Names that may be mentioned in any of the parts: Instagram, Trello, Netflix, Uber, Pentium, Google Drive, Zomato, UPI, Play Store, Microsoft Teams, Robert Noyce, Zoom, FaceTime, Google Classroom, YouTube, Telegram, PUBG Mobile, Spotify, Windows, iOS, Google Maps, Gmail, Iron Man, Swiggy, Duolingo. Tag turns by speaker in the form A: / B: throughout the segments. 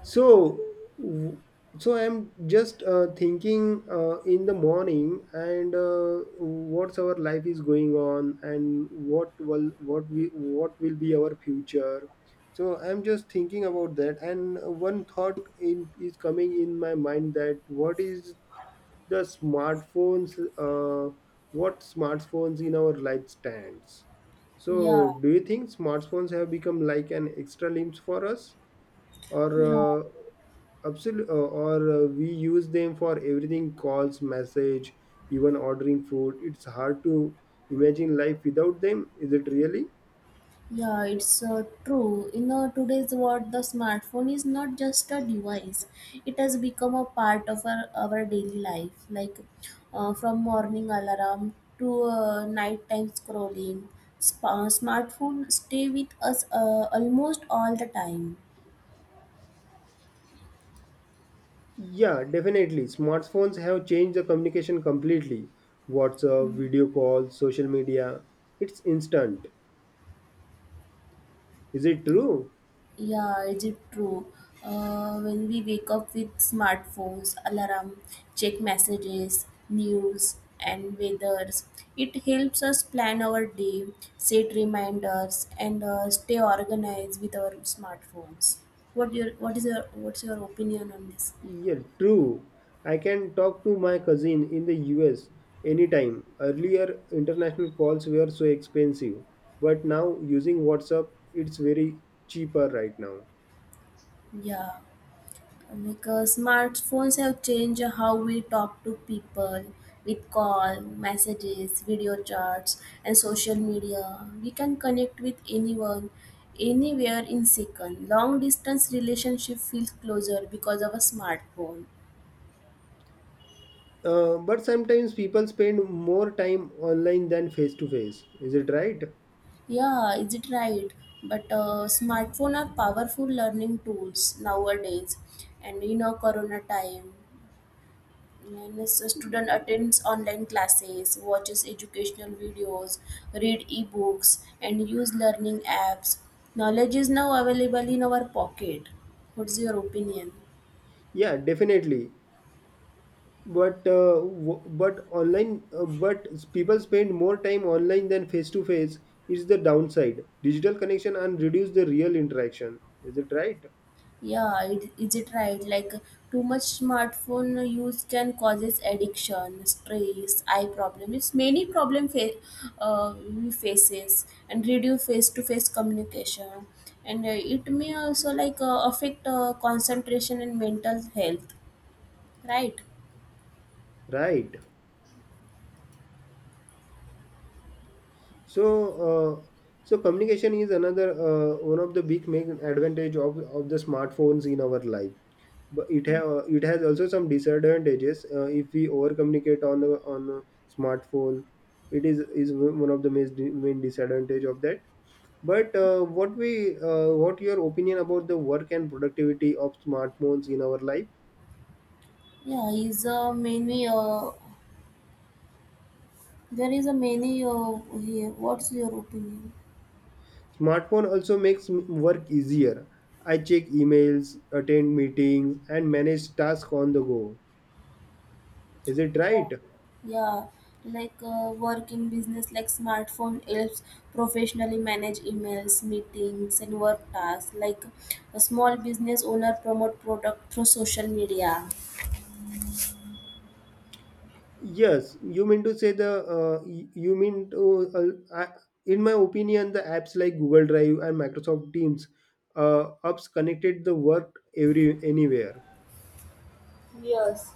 A: So, w- so I'm just thinking in the morning and what's our life is going on and what will be our future. So I'm just thinking about that, and one thought is coming in my mind that what is the smartphones, uh, what smartphones in our life stands.
B: Yeah,
A: So, do you think smartphones have become like an extra limbs for us, or
B: yeah,
A: uh, absolutely, or we use them for everything, calls, message, even ordering food. It's hard to imagine life without them. Is it really?
B: yeah, it's true. In today's world, the smartphone is not just a device. It has become a part of our daily life. Like, from morning alarm to nighttime scrolling, sp- uh, stay with us almost all the time.
A: Yeah, definitely, smartphones have changed the communication completely. WhatsApp, video calls, social media, it's instant. Is it true?
B: Yeah, is it true? When we wake up with smartphones, alarm, check messages, news, and weathers, it helps us plan our day, set reminders, and stay organized with our smartphones. What your what is your what's your opinion on this?
A: Yeah, true. I can talk to my cousin in the US anytime. Earlier, international calls were so expensive, but now using WhatsApp, it's very cheaper right now.
B: Yeah. Because smartphones have changed how we talk to people with call, messages, video chats, and social media. We can connect with anyone, anywhere in second. Long distance relationship feels closer because of a smartphone.
A: But sometimes people spend more time online than face to face. Is it right?
B: Yeah, is it right? But smartphone are powerful learning tools nowadays, and in our corona time. Means a student attends online classes, watches educational videos, read ebooks, and use learning apps. Knowledge is now available in our pocket. What's your opinion?
A: Yeah, definitely. But online, but people spend more time online than face to face. Is the downside. Digital connection and reduce the real interaction. Is it right?
B: Yeah, is it right? Like, too much smartphone use can causes addiction, stress, eye problem. It's many problem we faces and reduce face to face communication, and it may also like affect concentration and mental health, right.
A: Right. So, uh, so communication is another one of the big main advantage of the smartphones in our life. But it has also some disadvantages. If we over communicate on the on a smartphone, it is one of the main disadvantage of that. But what your opinion about the work and productivity of smartphones in our life?
B: Yeah, is many, there is a many, here, what's your opinion?
A: Smartphone also makes work easier. I check emails, attend meetings, and manage tasks on the go. Is it right?
B: Yeah, like, work in business, like smartphone helps professionally manage emails, meetings, and work tasks, like a small business owner promote product through social media.
A: Yes, you mean to say the y- you mean to I, in my opinion the apps like Google Drive and Microsoft Teams apps connected the work every anywhere.
B: Yes.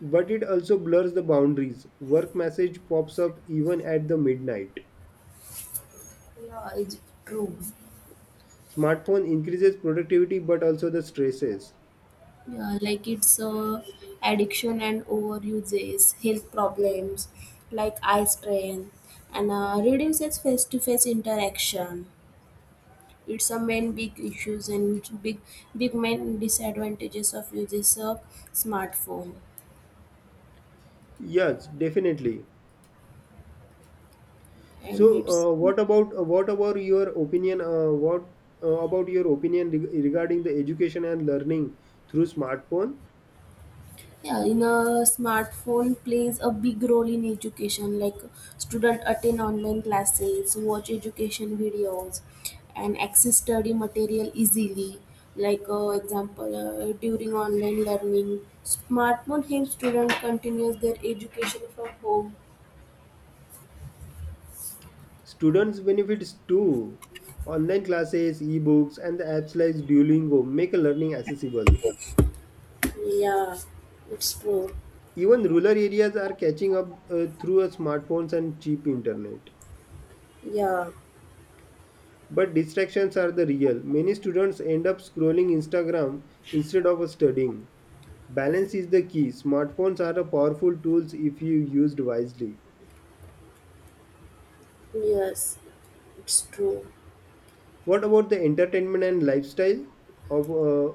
A: But it also blurs the boundaries. Work message pops up even at the midnight.
B: Yeah, it's true.
A: Smartphone increases productivity but also the stresses.
B: Yeah, like it's addiction and overuses, health problems like eye strain, and reduces face-to-face interaction. It's a main big issues and big main disadvantages of uses of smartphone,
A: Yes, definitely. So,
B: and it's.
A: uh, what about uh, what about your opinion? What about your opinion regarding the education and learning through smartphone?
B: Yeah, in a smartphone plays a big role in education. Like, student attend online classes, watch education videos, and access study material easily. Like, example, during online learning, smartphone helps student continues their education from home.
A: Students benefits too. Online classes, e-books, and the apps like Duolingo make learning accessible.
B: Yeah, it's true.
A: Even rural areas are catching up through a smartphones and cheap internet.
B: Yeah,
A: But distractions are the real. Many students end up scrolling Instagram instead of studying. Balance is the key. Smartphones are a powerful tools if you used wisely.
B: yes, it's true.
A: What about the entertainment and lifestyle of uh,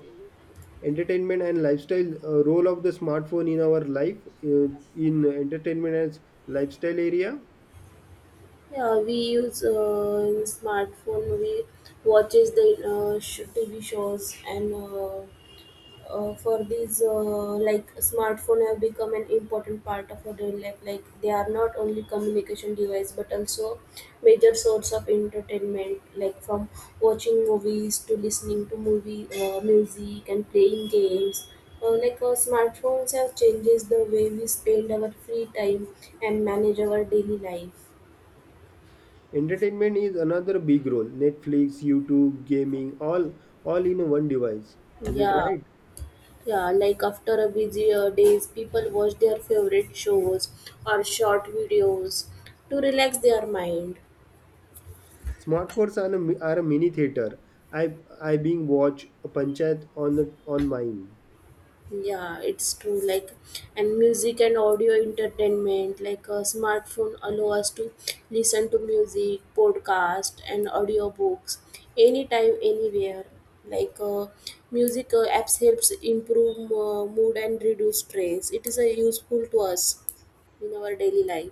A: role of the smartphone in our life, in entertainment as lifestyle area?
B: Yeah, we use, in smartphone. We watches the TV shows, and for these, like smartphone have become an important part of our daily life. Like, they are not only communication device, but also major source of entertainment. Like, from watching movies to listening to movie, music and playing games. Like our smartphones have changes the way we spend our free time and manage our daily life.
A: Entertainment is another big role. Netflix, YouTube, gaming, all in one device. Is it
B: Yeah.
A: right?
B: Yeah, like after a busy, days, people watch their favorite shows or short videos to relax their mind.
A: Smartphones are a, are a mini theater. I I being watch a panchayat on mine.
B: Yeah, it's true. Like, and music and audio entertainment, like a smartphone allow us to listen to music, podcast, and audiobooks, anytime, anywhere. Like, music, apps helps improve, mood and reduce stress. It is a useful to us in our daily life.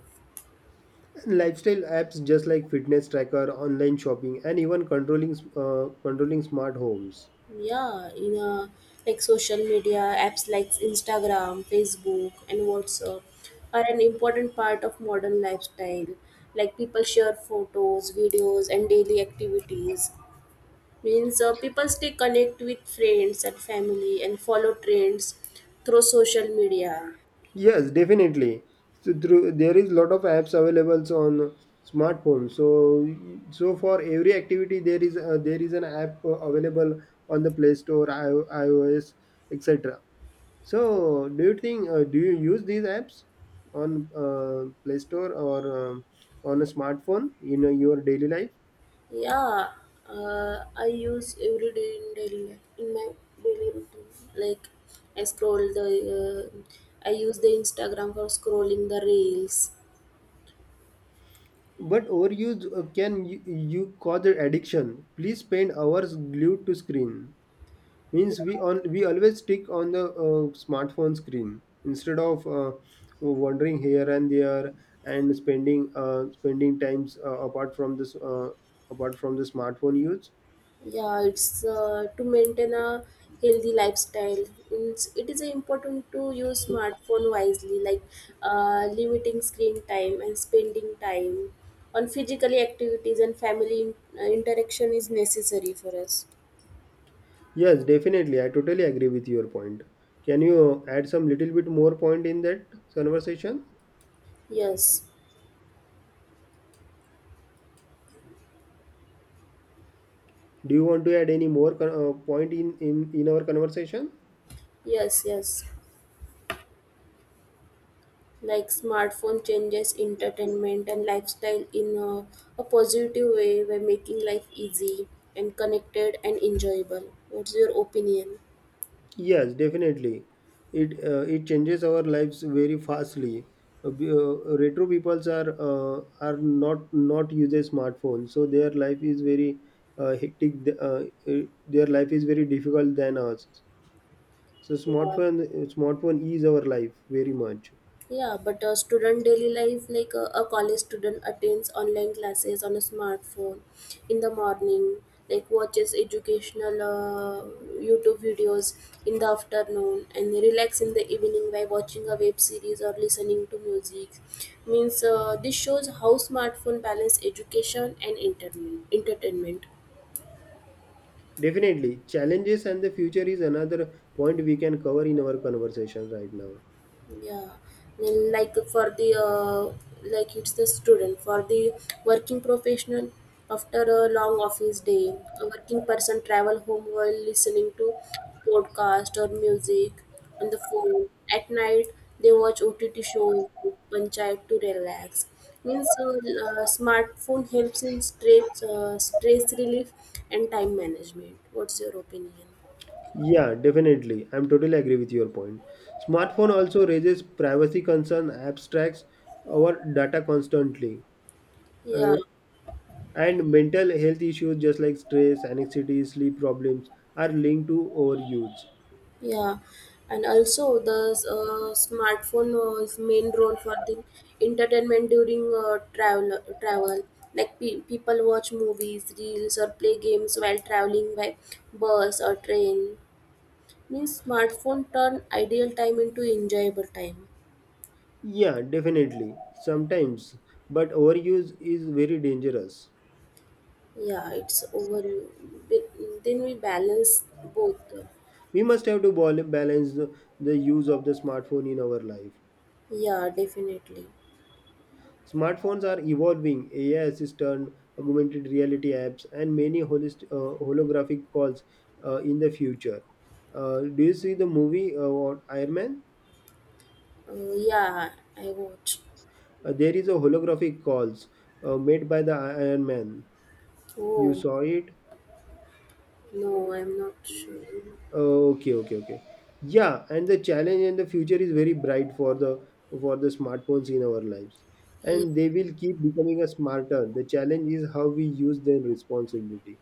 A: Lifestyle apps just like fitness tracker, online shopping, and even controlling controlling smart homes.
B: Yeah, in like social media apps like Instagram, Facebook, and WhatsApp are an important part of modern lifestyle. Like, people share photos, videos, and daily activities. Means, people stay connect with friends and family and follow trends through social media.
A: Yes, definitely. So through there is lot of apps available on smartphone. So for every activity there is an app available on the Play Store, iOS, etc. So do you think do you use these apps on Play Store or on a smartphone in your daily life?
B: Yeah, I use every day in daily life, in my daily routine. Like, I scroll the, uh, I use the Instagram for scrolling the reels.
A: But overuse can you cause addiction. Please spend hours glued to screen.
B: Yeah,
A: Means we always stick on the smartphone screen instead of wandering here and there and spending spending times apart from the smartphone use.
B: yeah, it's, to maintain a healthy lifestyle. It is important to use smartphone wisely, like limiting screen time and spending time on physical activities and family interaction is necessary for us.
A: Yes, definitely. I totally agree with your point. Can you add some little bit more point in that conversation?
B: Yes,
A: Do you want to add any more point in our conversation?
B: yes, yes. Like smartphone changes entertainment and lifestyle in a positive way by making life easy and connected and enjoyable. What's your opinion?
A: Yes, definitely. It it changes our lives very fastly. Retro peoples are not uses smartphones, so their life is very hectic. Uh, uh, their life is very difficult than ours. So
B: Yeah.
A: smartphone is our life very much.
B: Yeah, but a student daily life, like a college student attends online classes on a smartphone in the morning, like watches educational, YouTube videos in the afternoon, and relax in the evening by watching a web series or listening to music. Means, this shows how smartphone balance education and entertainment. Entertainment.
A: Definitely, challenges and the future is another point we can cover in our conversation right now.
B: Yeah, then, like for the like it's the student for the working professional after a long office day, a working person travel home while listening to podcast or music on the phone. At night, they watch OTT shows, panchayat to relax. Means, smartphone helps in stress relief and time management. What's your opinion?
A: Yeah, definitely. I'm totally agree with your point. Smartphone also raises privacy concern, abstracts our data constantly, uh,
B: Yeah.
A: and mental health issues just like stress, anxiety, sleep problems are linked to overuse.
B: Yeah, and also the smartphone was main role for the entertainment during travel. Like, people watch movies, reels, or play games while traveling by bus or train. Means smartphone turn ideal time into enjoyable time.
A: Yeah, definitely. Sometimes, but overuse is very dangerous.
B: Yeah, it's over. Then we balance both.
A: We must have to balance the use of the smartphone in our life.
B: Yeah, definitely.
A: Smartphones are evolving. AI assistant, augmented reality apps, and many holographic calls in the future. Do you see the movie what, Iron Man?
B: Yeah, I watch.
A: There is a holographic calls made by Iron Man. You
B: Oh,
A: saw it?
B: no, I'm not sure.
A: Oh, okay, okay, okay. Yeah, and the challenge and the future is very bright for the smartphones in our lives,
B: Yeah.
A: and they will keep becoming a smarter. The challenge is how we use them responsibility.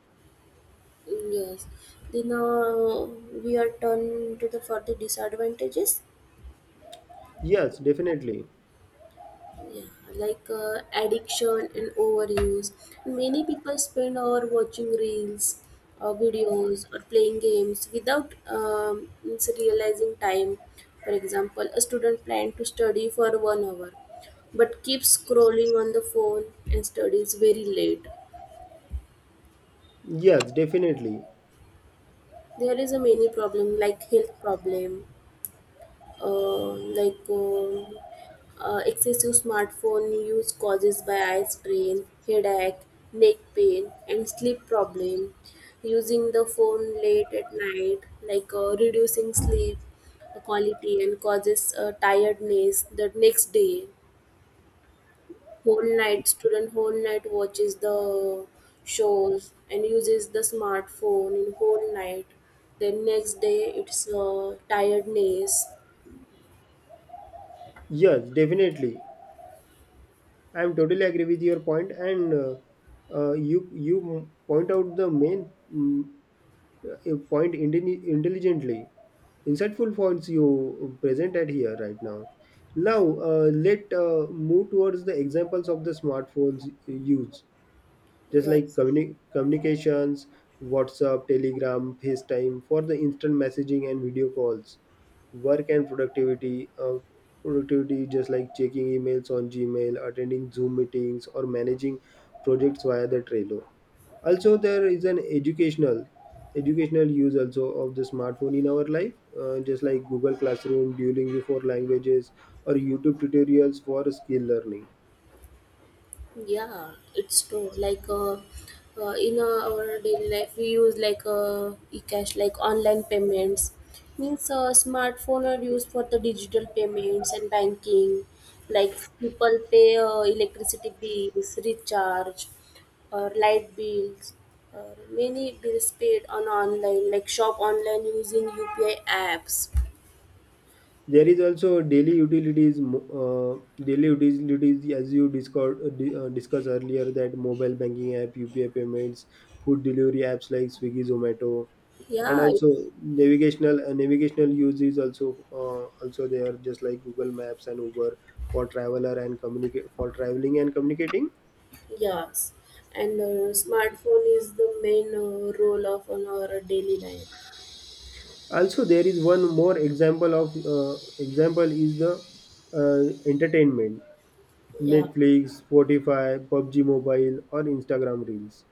B: Yes. Then, we are turned to the further disadvantages.
A: Yes, definitely.
B: Yeah, like, addiction and overuse. Many people spend hour watching reels, or videos, or playing games without means realizing time. For example, a student planned to study for 1 hour, but keeps scrolling on the phone and studies very late.
A: Yes, definitely.
B: There is a many problem like health problem, uh, like excessive smartphone use causes by eye strain, headache, neck pain, and sleep problem. Using the phone late at night, like reducing sleep quality and causes, tiredness the next day. Whole night student whole night watches the shows and uses the smartphone in whole night. Then next day it's, tiredness.
A: Yes, definitely. I am totally agree with your point, and you point out the main point intelligently. Insightful points you present at here right now. Now let move towards the examples of the smartphones use, just like
B: Yes.
A: communications, WhatsApp, Telegram, FaceTime for the instant messaging and video calls, work and productivity, productivity just like checking emails on Gmail, attending Zoom meetings or managing projects via the Trello. Also there is an educational use also of the smartphone in our life, just like Google Classroom, Duolingo for languages, or YouTube tutorials for skill learning.
B: Yeah, it's true. Like in our daily life, we use like, e-cash, like online payments. Means, smartphone are used for the digital payments and banking. Like, people pay, electricity bills, recharge, or light bills, or many bills paid on online. Like, shop online using UPI apps.
A: There is also daily utilities, daily utilities as you discussed discussed earlier, that mobile banking app, UPI payments, food delivery apps like Swiggy, Zomato, and
B: Yeah.
A: also navigational navigational use is also also there just like Google Maps and Uber for traveler and communicate for traveling and communicating.
B: Yes, and smartphone is the main, role of on our daily life.
A: Also, there is one more example of example is the entertainment:
B: Yeah,
A: Netflix, Spotify, PUBG Mobile, or Instagram Reels.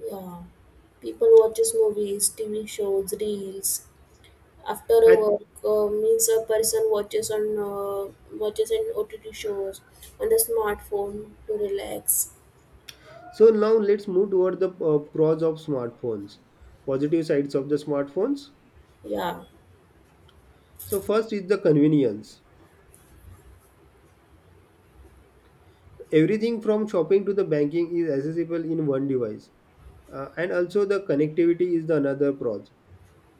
B: yeah. People watches movies, TV shows, reels. After a
A: And
B: work, means a person watches an OTT shows on the smartphone to relax.
A: so now let's move toward the pros of smartphones, positive sides of the smartphones.
B: Yeah,
A: So first is the convenience. Everything from shopping to the banking is accessible in one device. And also the connectivity is the another pros,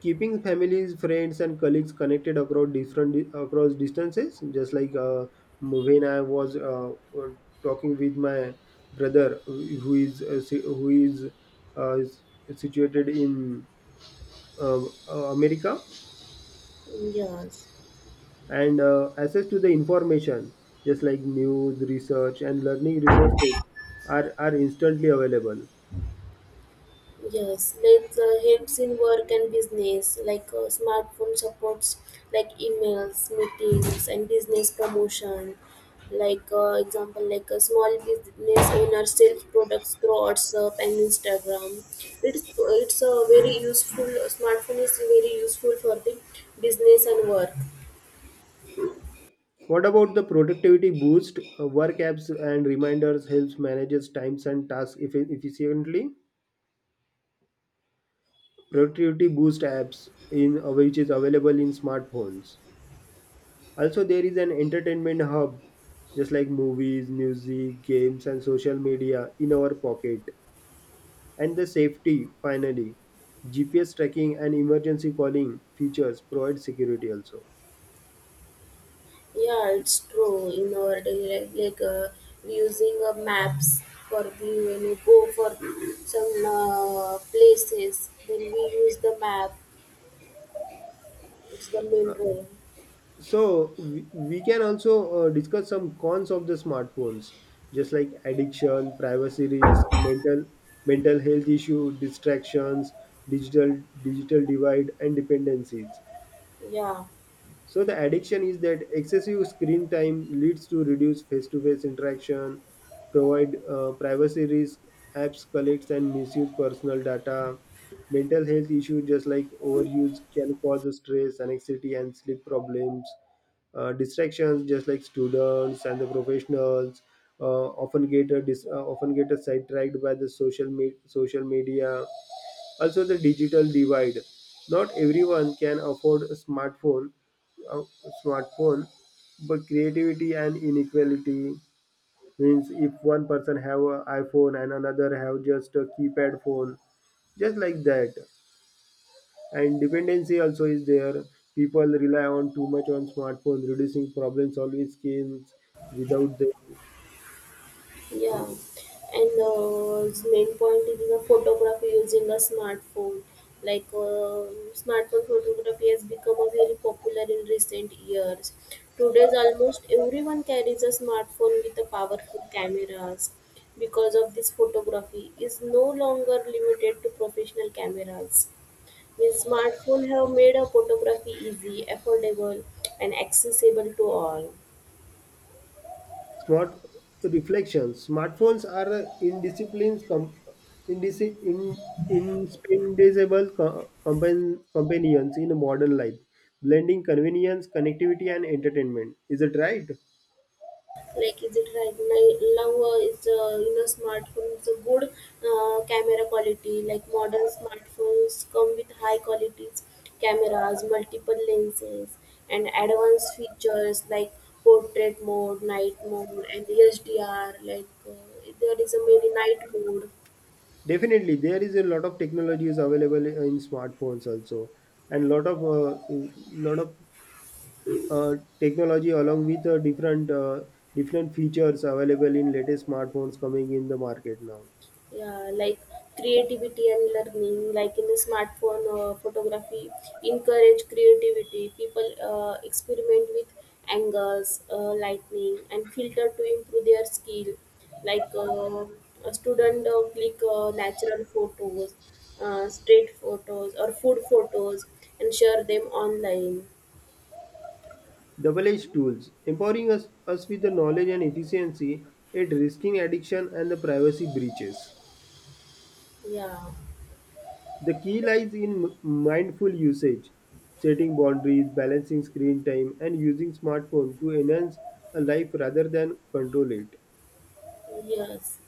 A: keeping families, friends, and colleagues connected across different across distances. Just like when I was talking with my brother, who is who is uh, situated in uh, America,
B: yes.
A: and access to the information, just like news, research, and learning resources, are instantly available.
B: Yes, that, helps in work and business. Like, smartphone supports like emails, meetings, and business promotion. Like, example, like a small business owner sells products through WhatsApp and Instagram. It's a very useful smartphone is very useful for the business and work.
A: What about the productivity boost? Work apps and reminders helps manages times and tasks efficiently. Productivity boost apps in which is available in smartphones. Also there is an entertainment hub just like movies, music, games, and social media in our pocket. And the safety, finally, GPS tracking and emergency calling features provide security also.
B: Yeah, it's true. In our daily life, like using, maps for we, when we go for some, places, then we use the map. It's the main role.
A: So we can also discuss some cons of the smartphones, just like addiction, privacy risk, mental health issue, distractions, digital divide, and dependencies.
B: Yeah.
A: So the addiction is that excessive screen time leads to reduced face-to-face interaction, provide privacy risk, apps collects and misuse personal data, mental health issues just like overuse can cause stress, anxiety, and sleep problems. Distractions just like students and the professionals often get a sidetracked by the social media. Also, the digital divide. Not everyone can afford a smartphone, a smartphone, but creativity and inequality. Means if one person have an iPhone and another have just a keypad phone, just like that. And dependency also is there. People rely on too much on smartphone, reducing problem solving skills without them.
B: Yeah, and its main point is the photography using a smartphone. Like, smartphone photography has become a very popular in recent years. Today's almost everyone carries a smartphone with a powerful cameras. Because of this, photography is no longer limited to professional cameras. Means smartphone have made a photography easy, affordable, and accessible to all.
A: Smart reflection. Smartphones are a indisciplines com- indis- in- indispensable companions in modern life, blending convenience, connectivity, and entertainment. Is it right?
B: Like, is it right now? Now, is you know Smartphones a good, camera quality, like modern smartphones come with high qualities cameras, multiple lenses, and advanced features like portrait mode, night mode, and HDR, like, there is a many night mode.
A: Definitely, there is a lot of technologies available in smartphones also, and lot of lot of uh, technology along with different features available in latest smartphones coming in the market now.
B: Yeah, like creativity and learning, like in the smartphone, photography encourage creativity. People, experiment with angles, lightning and filter to improve their skill, like a student, click, natural photos, street photos or food photos, and share them online.
A: Double-edged tools, empowering us with the knowledge and efficiency, yet risking addiction and the privacy breaches.
B: Yeah,
A: The key lies in mindful usage, setting boundaries, balancing screen time, and using smartphone to enhance a life rather than control it.
B: yes,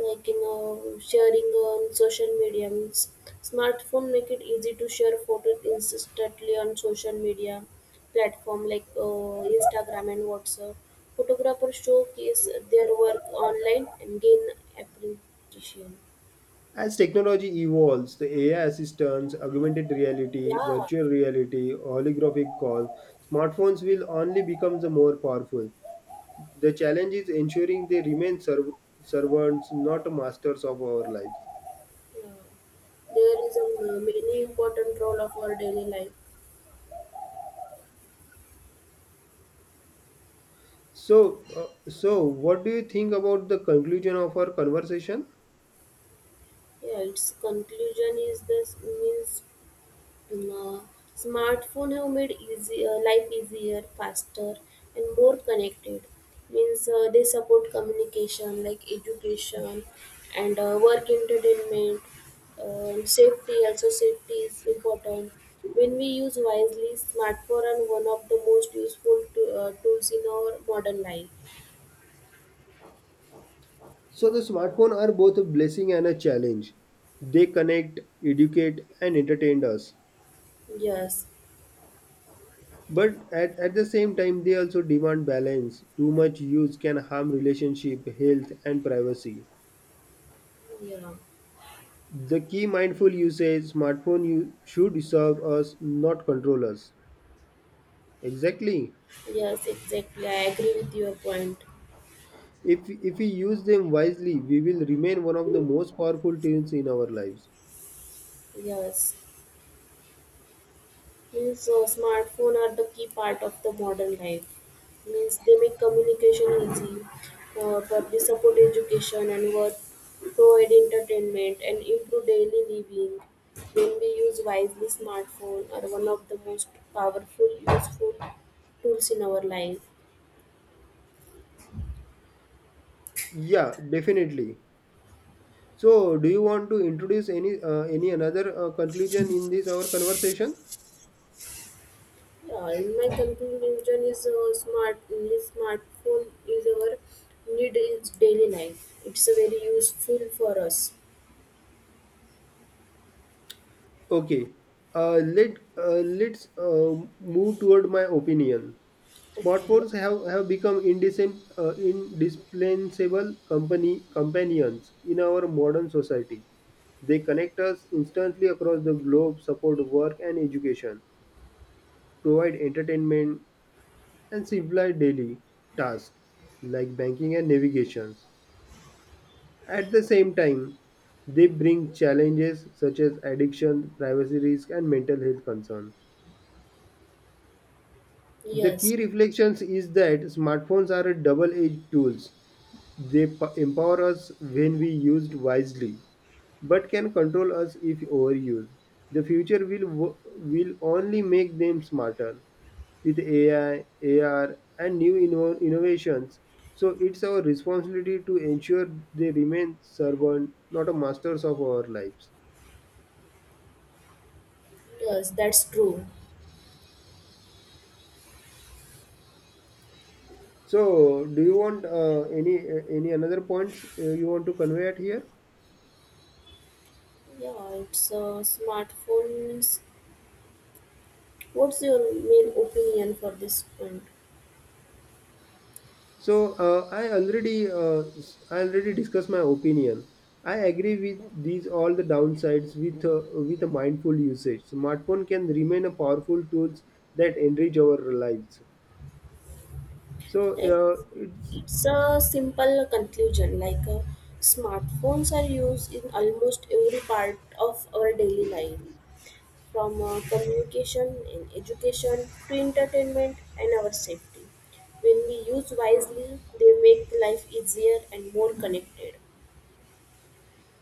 B: like, sharing on social media means smartphone make it easy to share photos instantly on social media platform, like Instagram and WhatsApp. Photographers showcase their work online and gain appreciation.
A: As technology evolves, the AI assistants, augmented reality,
B: Yeah,
A: virtual reality, holographic calls, smartphones will only become the more powerful. The challenge is ensuring they remain servants, not masters of our lives.
B: yeah. There is a many important role of our daily life.
A: So what do you think about the conclusion of our conversation?
B: Yeah, its conclusion is this means, Um, uh, smartphone have made easy, life easier, faster, and more connected. Means, they support communication like education, and work entertainment. And safety also safety is important. When we use wisely, smartphone are one of the most useful to, tools in our modern life.
A: So, the smartphone are both a blessing and a challenge. They connect, educate, and entertain us.
B: Yes,
A: But at the same time, they also demand balance. Too much use can harm relationship, health, and privacy.
B: yeah,
A: The key mindful usage smartphone you should serve us, not control us. Exactly.
B: yes, exactly. I agree with your point.
A: If we use them wisely, we will remain one of the most powerful tools in our lives.
B: Yes. Means, smartphone are the key part of the modern life. Means they make communication easy, but support education and work, provide entertainment and improve daily living. When we use wisely, smartphone are one of the most powerful useful tools in our life.
A: Yeah, definitely. So, do you want to introduce any another conclusion in this our conversation?
B: Yeah, in my conclusion is, smartphone is our need in daily life. It's a very useful for us.
A: Okay. Let's move toward my opinion.
B: Okay.
A: Smartphones have become indispensable company companions in our modern society. They connect us instantly across the globe, support work and education, provide entertainment, and simplify daily tasks like banking and navigations. At the same time, they bring challenges such as addiction, privacy risk, and mental health concerns. The
B: Yes.
A: key reflections is that smartphones are a double-edged tools. Empower us when we used wisely, but can control us if overused. The future will only make them smarter with AI, AR, and new innovations. So it's our responsibility to ensure they remain servant, not a masters of our lives.
B: Yes, that's true.
A: So, do you want any another points you want to convey at here?
B: Yeah, it's, smartphones. What's your main opinion for this point?
A: So I already discussed my opinion. I agree with these all the downsides with a mindful usage. Smartphone can remain a powerful tools that enrich our lives. So
B: Like,
A: it's
B: it's a simple conclusion. Like, smartphones are used in almost every part of our daily life, from communication and education to entertainment and our safety. When we use wisely, they make life easier and more connected.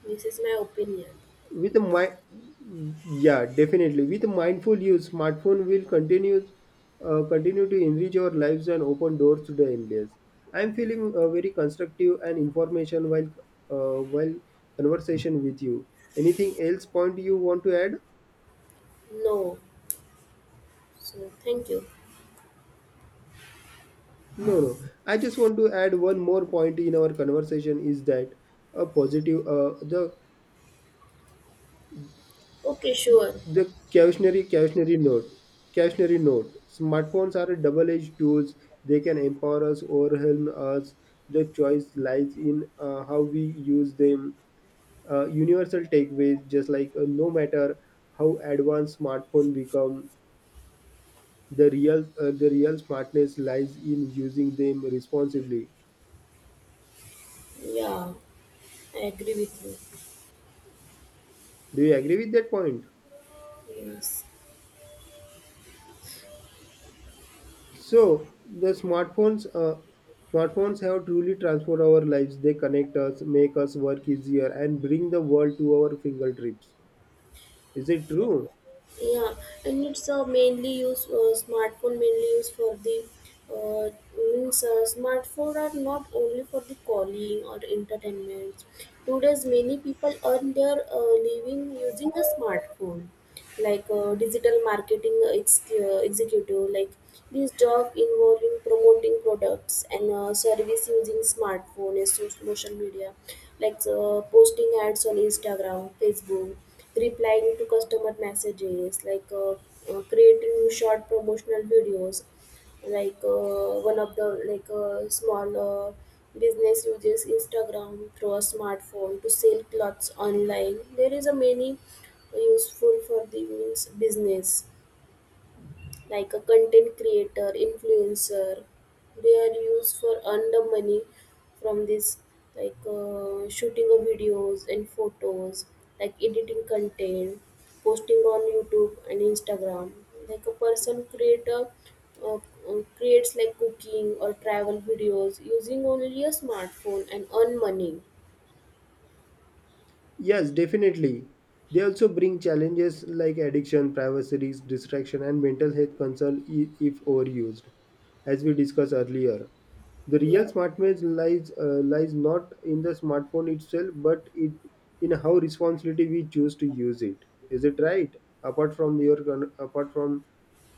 B: This is my opinion.
A: Yeah, definitely. With mindful use, smartphone will continue to enrich our lives and open doors to the endless. I'm feeling very constructive and information while conversation with you. Anything else point you want to add?
B: No. So, thank you.
A: No, no. I just want to add one more point in our conversation is that a positive
B: Okay, sure.
A: the cautionary note. Cautionary note. Smartphones are double-edged tools. They can empower us, overwhelm us. The choice lies in how we use them. Universal takeaways, just like no matter how advanced smartphone become, the real smartness lies in using them responsibly.
B: Yeah, I agree with you.
A: Do you agree with that point?
B: Yes.
A: So the smartphones, uh, smartphones have truly transformed our lives. They connect us, make us work easier, and bring the world to our fingertips. Is it true?
B: Yeah, and it's, mainly used smartphone mainly used for the, uh, means, smartphone are not only for the calling or entertainment. Today's many people earn their, living using a smartphone. Like, digital marketing executive, like this job involving promoting products and, service using smartphone and social media, like posting ads on Instagram, Facebook, replying to customer messages, like creating short promotional videos, like, one of the, small, business uses Instagram through a smartphone to sell clothes online. There is a many useful for the means business. Like a content creator, influencer. They are used for earn the money from this, like, shooting of videos and photos, like editing content, posting on YouTube and Instagram. Like a person creator, creates like cooking or travel videos using only a smartphone and earn money.
A: Yes, definitely. They also bring challenges like addiction, privacy, risk, distraction, and mental health concern if overused, as we discussed earlier. The
B: Yeah.
A: real smartness lies not in the smartphone itself, but it in how responsibility we choose to use it. Is it right? Apart from your con- apart from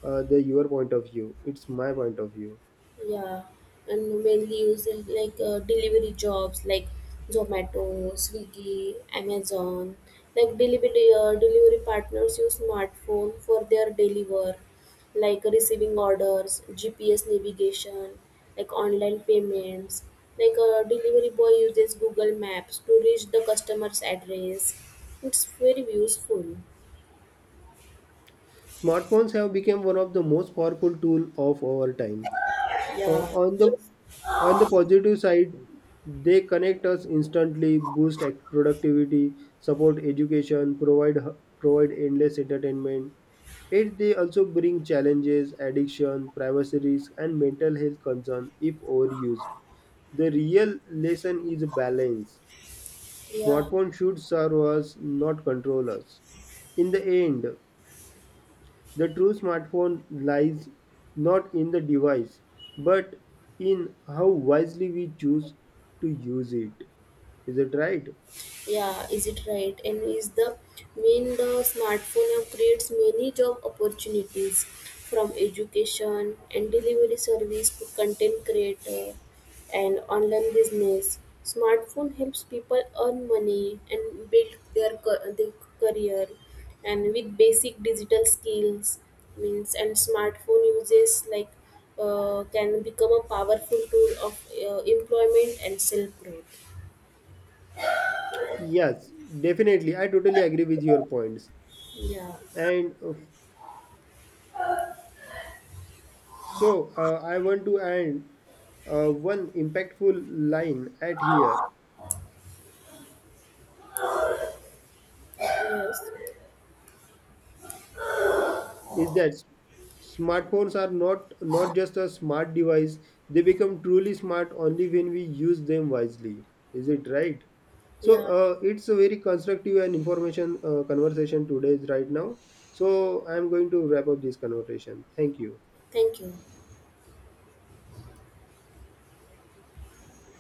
A: the your point of view, it's my point of view.
B: Yeah, and mainly used in like, delivery jobs like Zomato, Swiggy, Amazon. Like delivery partners use smartphone for their daily work, like receiving orders, GPS navigation, like online payments. Like a delivery boy uses Google Maps to reach the customer's address. It's very useful.
A: Smartphones have become one of the most powerful tool of our time. Uh,
B: Yeah,
A: on the
B: just,
A: on the positive side, they connect us instantly, productivity, support education, provide endless entertainment. Yet they also bring challenges, addiction, privacy risk, and mental health concern if overused. The real lesson is balance.
B: yeah.
A: Smartphone should serve us, not control us. In the end, the true smartphone lies not in the device, but in how wisely we choose to use it. Is it right?
B: Yeah, is it right? And is the mean, the smartphone now creates many job opportunities from education and delivery service to content creator and online business. Smartphone helps people earn money and build their career, and with basic digital skills means and smartphone uses, like can become a powerful tool of, employment and self growth.
A: Yes, definitely. I totally agree with your points.
B: Yeah.
A: And so I want to add one impactful line at here,
B: Yes.
A: is that smartphones are not just a smart device. They become truly smart only when we use them wisely. Is it right?
B: Yeah,
A: It's a very constructive and information conversation today right now, so I'm going to wrap up this conversation. Thank you.
B: thank you.